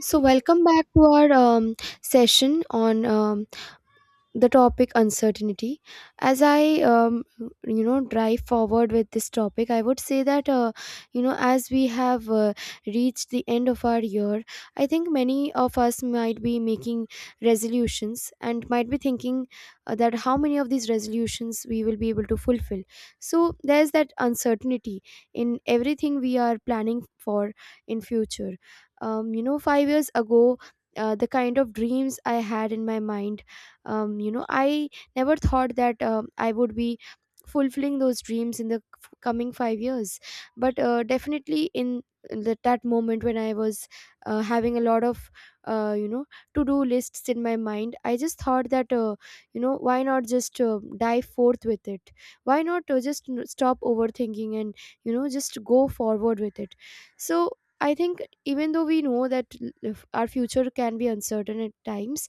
Welcome back to our session on the topic uncertainty. As I drive forward with this topic, I would say that as we have reached the end of our year, I think many of us might be making resolutions and might be thinking that how many of these resolutions we will be able to fulfill. So there's that uncertainty in everything we are planning for in future. 5 years ago, the kind of dreams I had in my mind, I never thought that I would be fulfilling those dreams in the coming 5 years. But definitely in that moment when I was having a lot of uh, you know to do lists in my mind, I just thought that why not just dive forth with it? Why not stop overthinking and just go forward with it? So I think even though we know that if our future can be uncertain at times,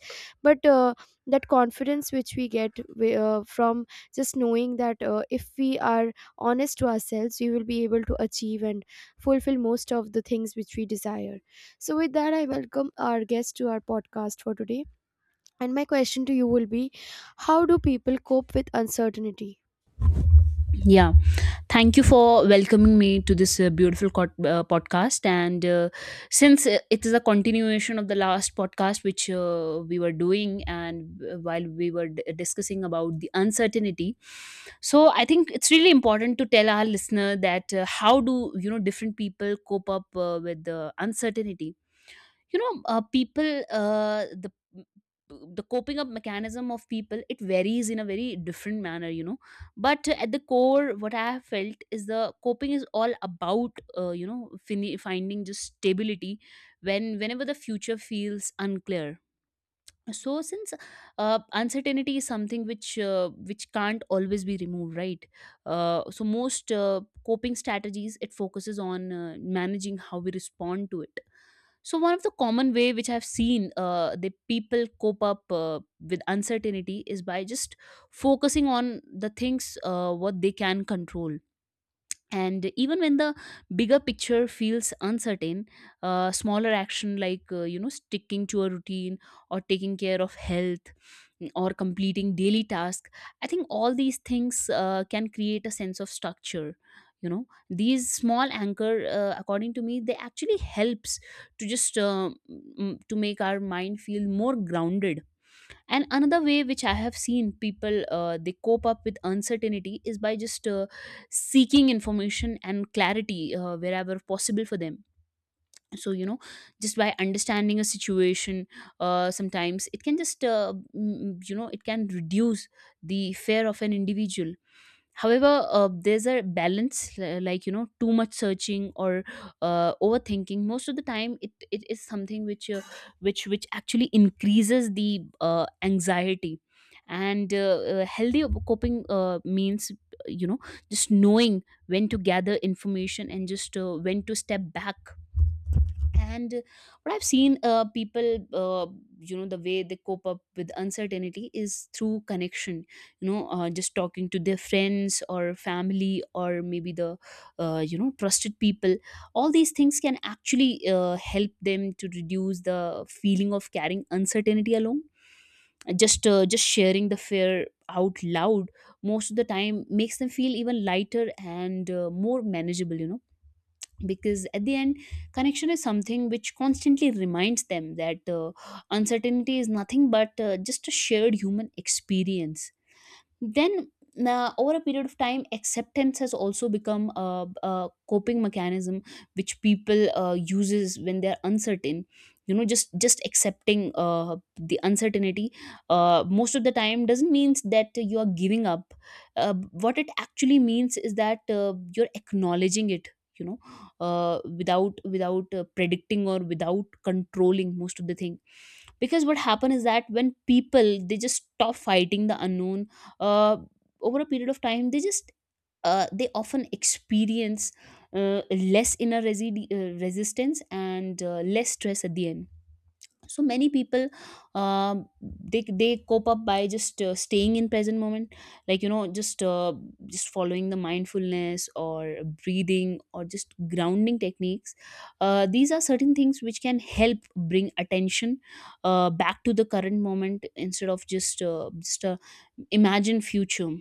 but that confidence which we get from just knowing that if we are honest to ourselves, we will be able to achieve and fulfill most of the things which we desire. So with that, I welcome our guest to our podcast for today, and my question to you will be: how do people cope with uncertainty? Yeah, thank you for welcoming me to this beautiful podcast. And since It is a continuation of the last podcast which we were doing, and while we were discussing about the uncertainty, so I think it's really important to tell our listener that how do you know different people cope up with the uncertainty. You know people the The coping up mechanism of people, it varies in a very different manner, you know, but at the core what I have felt is the coping is all about finding just stability whenever the future feels unclear. So since uncertainty is something which can't always be removed, right? So most coping strategies, it focuses on managing how we respond to it. So one of the common way which I've seen the people cope up with uncertainty is by just focusing on the things what they can control. And even when the bigger picture feels uncertain, smaller action like you know, sticking to a routine, or taking care of health, or completing daily task, I think all these things can create a sense of structure. You know, these small anchor, according to me, they actually helps to just to make our mind feel more grounded. And another way which I have seen people they cope up with uncertainty is by just seeking information and clarity wherever possible for them. So you know, just by understanding a situation, sometimes it can just you know, it can reduce the fear of an individual. However there's a balance, like you know, too much searching or overthinking, most of the time it is something which which actually increases the anxiety. And healthy coping means, you know, just knowing when to gather information and just when to step back. And what I've seen, people, you know, the way they cope up with uncertainty is through connection. You know, just talking to their friends or family, or maybe the you know, trusted people, all these things can actually help them to reduce the feeling of carrying uncertainty alone. Just sharing the fear out loud most of the time makes them feel even lighter and more manageable, you know, because at the end connection is something which constantly reminds them that uncertainty is nothing but just a shared human experience. Now over a period of time, acceptance has also become a coping mechanism which people uses when they're uncertain. You know, just accepting the uncertainty most of the time doesn't mean that you are giving up. What it actually means is that you're acknowledging it. You know, without predicting or without controlling most of the thing, because what happens is that when people, they just stop fighting the unknown, uh, over a period of time they just they often experience uh, less inner resistance and less stress at the end. So many people um they cope up by just staying in present moment, like you know, just following the mindfulness, or breathing, or just grounding techniques. These are certain things which can help bring attention back to the current moment instead of just just a imagined future.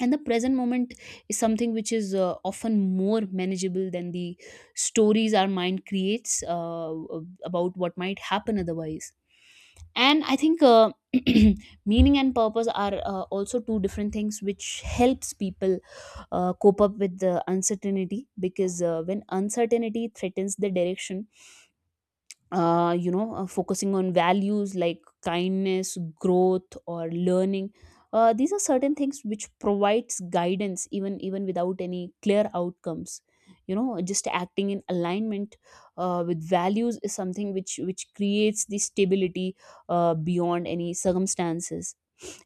And the present moment is something which is often more manageable than the stories our mind creates about what might happen otherwise. And I think meaning and purpose are also two different things which helps people cope up with the uncertainty, because when uncertainty threatens the direction, focusing on values like kindness, growth, or learning. These are certain things which provides guidance even without any clear outcomes. You know, just acting in alignment with values is something which creates the stability beyond any circumstances.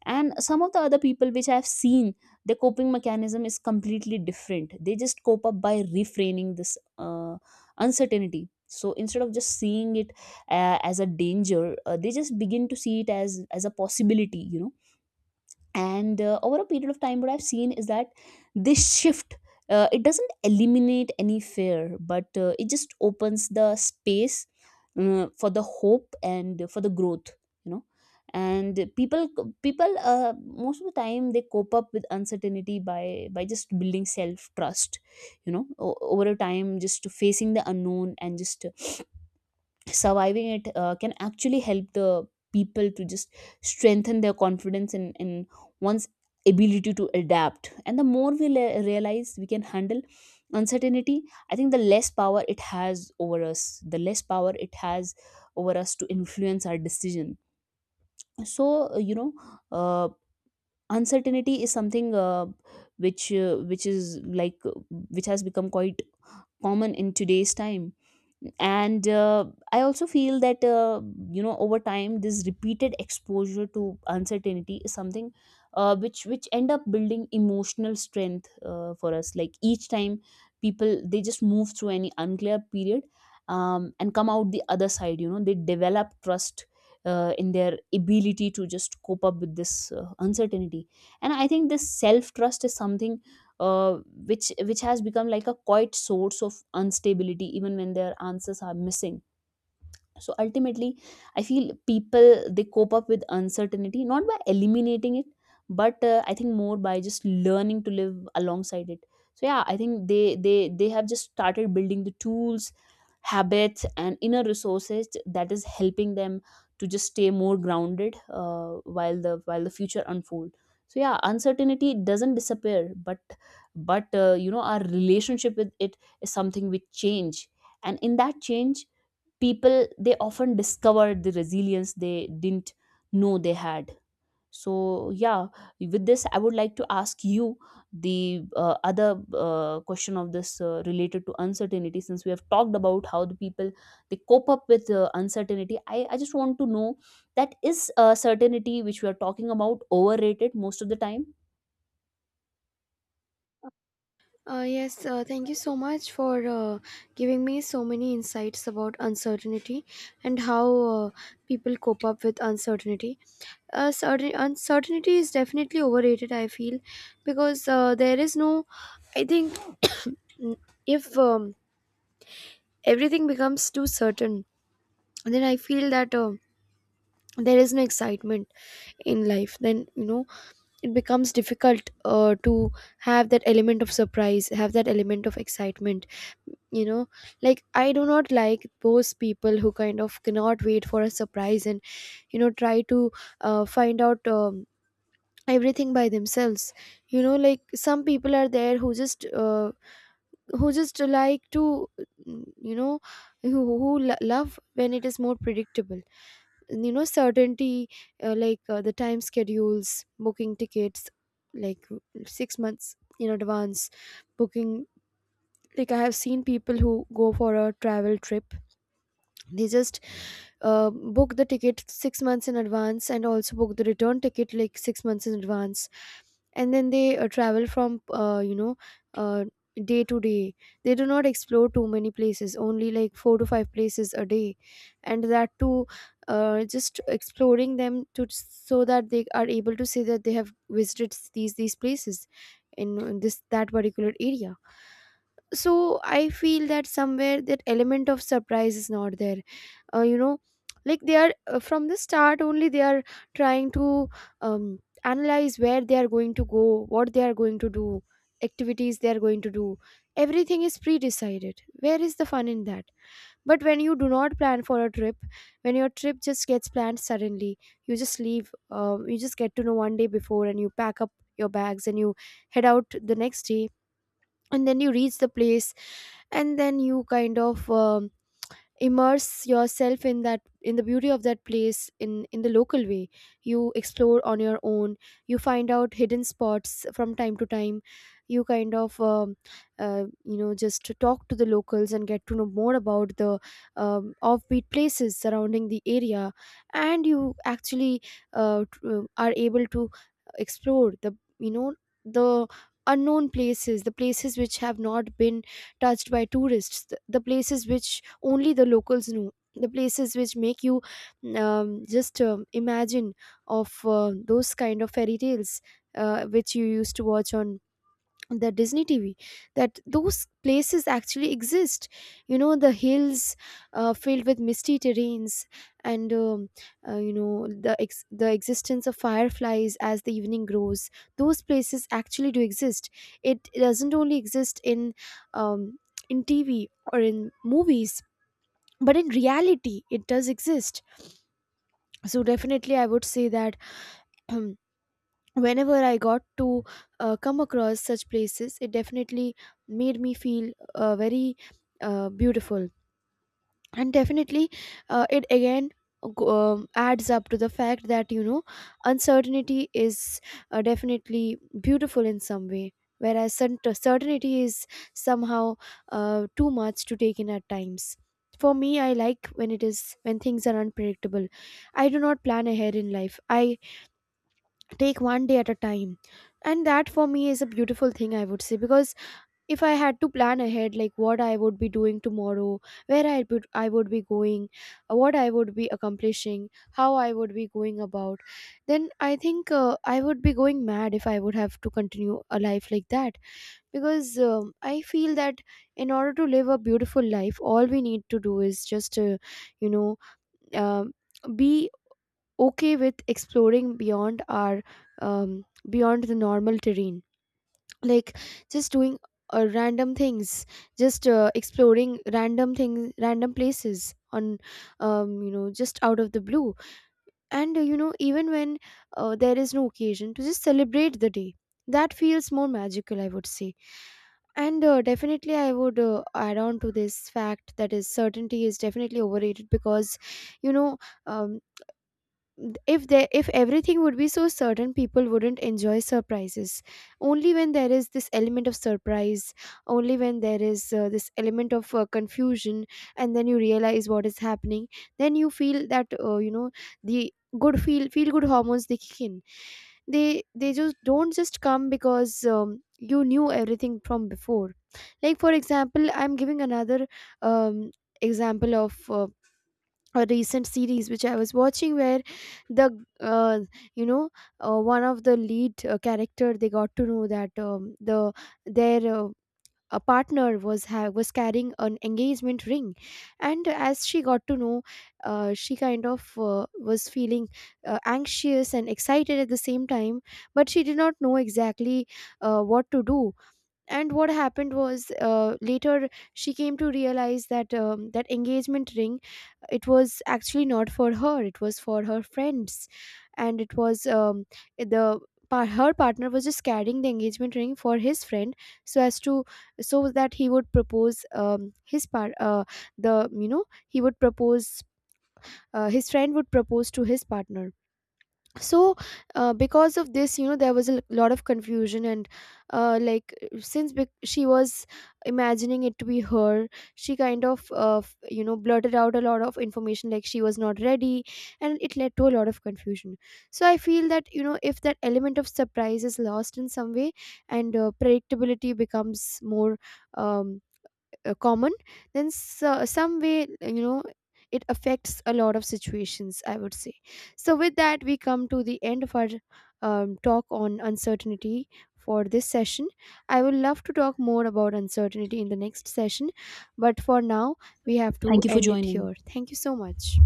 And some of the other people which I've seen, their coping mechanism is completely different. They just cope up by refraining this uncertainty. So instead of just seeing it as a danger, they just begin to see it as a possibility, you know. And over a period of time, what I've seen is that this shift, it doesn't eliminate any fear, but it just opens the space for the hope and for the growth, you know. And people most of the time they cope up with uncertainty by just building self trust. You know, over a time, just facing the unknown and just surviving it can actually help the people to just strengthen their confidence in one's ability to adapt. And the more we realize we can handle uncertainty, I think the less power it has over us, the less power it has over us to influence our decision. So you know uh, uncertainty is something which which is like which has become quite common in today's time. And I also feel that you know, over time this repeated exposure to uncertainty is something which end up building emotional strength for us. Like each time people, they just move through any unclear period, and come out the other side, you know, they develop trust in their ability to just cope up with this uncertainty. And I think this self trust is something uh, which has become like a quiet source of instability even when their answers are missing. So ultimately I feel people, they cope up with uncertainty not by eliminating it, but I think more by just learning to live alongside it. So yeah, I think they have just started building the tools, habits, and inner resources that is helping them to just stay more grounded while the future unfold. So yeah, uncertainty doesn't disappear, but you know, our relationship with it is something we change. And in that change, people, they often discover the resilience they didn't know they had. So yeah, with this I would like to ask you the other question of this related to uncertainty. Since we have talked about how the people they cope up with uncertainty, I just want to know that is certainty which we are talking about overrated most of the time? Yes, thank you so much for giving me so many insights about uncertainty and how people cope up with uncertainty. Uncertainty is definitely overrated, I feel, because there is no, I think, n- if everything becomes too certain, then I feel that. There is no excitement in life. Then you know It becomes difficult to have that element of surprise, have that element of excitement, you know like I do not like those people who kind of cannot wait for a surprise and try to find out everything by themselves. Like, some people are there who just like to mm, you know who love when it is more predictable, certainty. Like the time schedules, booking tickets like 6 months in advance, booking, like I have seen people who go for a travel trip. They just book the ticket 6 months in advance, and also book the return ticket like 6 months in advance. And then they travel from uh, day to day. They do not explore too many places, only like four to five places a day, and that too just exploring them to so that they are able to say that they have visited these places in this that particular area. So I feel that somewhere that element of surprise is not there, uh, you know like they are from the start only, they are trying to um, analyze where they are going to go, what they are going to do, activities they are going to do. Everything is pre-decided. Where is the fun in that? But when you do not plan for a trip, when your trip just gets planned suddenly, you just leave, you just get to know one day before and you pack up your bags and you head out the next day. And then you reach the place, and then you kind of immerse yourself in that in the beauty of that place in the local way you explore on your own you find out hidden spots from time to time you kind of just talk to the locals and get to know more about the offbeat places surrounding the area. And you actually are able to explore the, the unknown places, the places which have not been touched by tourists, the places which only the locals know, the places which make you just imagine of those kind of fairy tales which you used to watch on the Disney TV, that those places actually exist. You know, the hills filled with misty terrains, and the the existence of fireflies as the evening grows. Those places actually do exist. It doesn't only exist um, in TV or in movies, but in reality it does exist. So definitely I would say that whenever I got to come across such places, it definitely made me feel very beautiful. And definitely it again adds up to the fact that uncertainty is definitely beautiful in some way, whereas certainty is somehow too much to take in at times. For me, I like when it is, when things are unpredictable. I do not plan ahead in life. I take one day at a time, and that for me is a beautiful thing, I would say, because if I had to plan ahead like what I would be doing tomorrow, where I would be going, what I would be accomplishing, how I would be going about, then I think I would be going mad if I would have to continue a life like that. Because I feel that in order to live a beautiful life, all we need to do is just you know um be okay with exploring beyond our beyond the normal terrain. Like just doing random things, just exploring random things, random places on, just out of the blue. And even when there is no occasion to just celebrate the day, that feels more magical, I would say. And definitely I would add on to this fact that is certainty is definitely overrated, because you know um, if there, if everything would be so certain, people wouldn't enjoy surprises. Only when there is this element of surprise, only when there is this element of confusion, and then you realize what is happening, then you feel that the good feel good hormones, they kick in. They just don't just come because you knew everything from before. Like, for example, I'm giving another um example of a recent series which I was watching, where the uh, you know one of the lead character, they got to know that the their a partner was was carrying an engagement ring. And as she got to know, she kind of was feeling anxious and excited at the same time, but she did not know exactly what to do. And what happened was, later she came to realize that that engagement ring, it was actually not for her, it was for her friends. And it was eh, the her partner was just carrying the engagement ring for his friend, so as to, so that he would propose his part the you know he would propose, his friend would propose to his partner. So because of this, there was a lot of confusion, and like since she was imagining it to be her, she kind of blurted out a lot of information, like she was not ready, and it led to a lot of confusion. So I feel that if that element of surprise is lost in some way, and predictability becomes more um, common, then some way, it affects a lot of situations, I would say. So with that, we come to the end of our talk on uncertainty for this session. I would love to talk more about uncertainty in the next session, but for now we have to Thank you for end it joining. here. Thank you so much.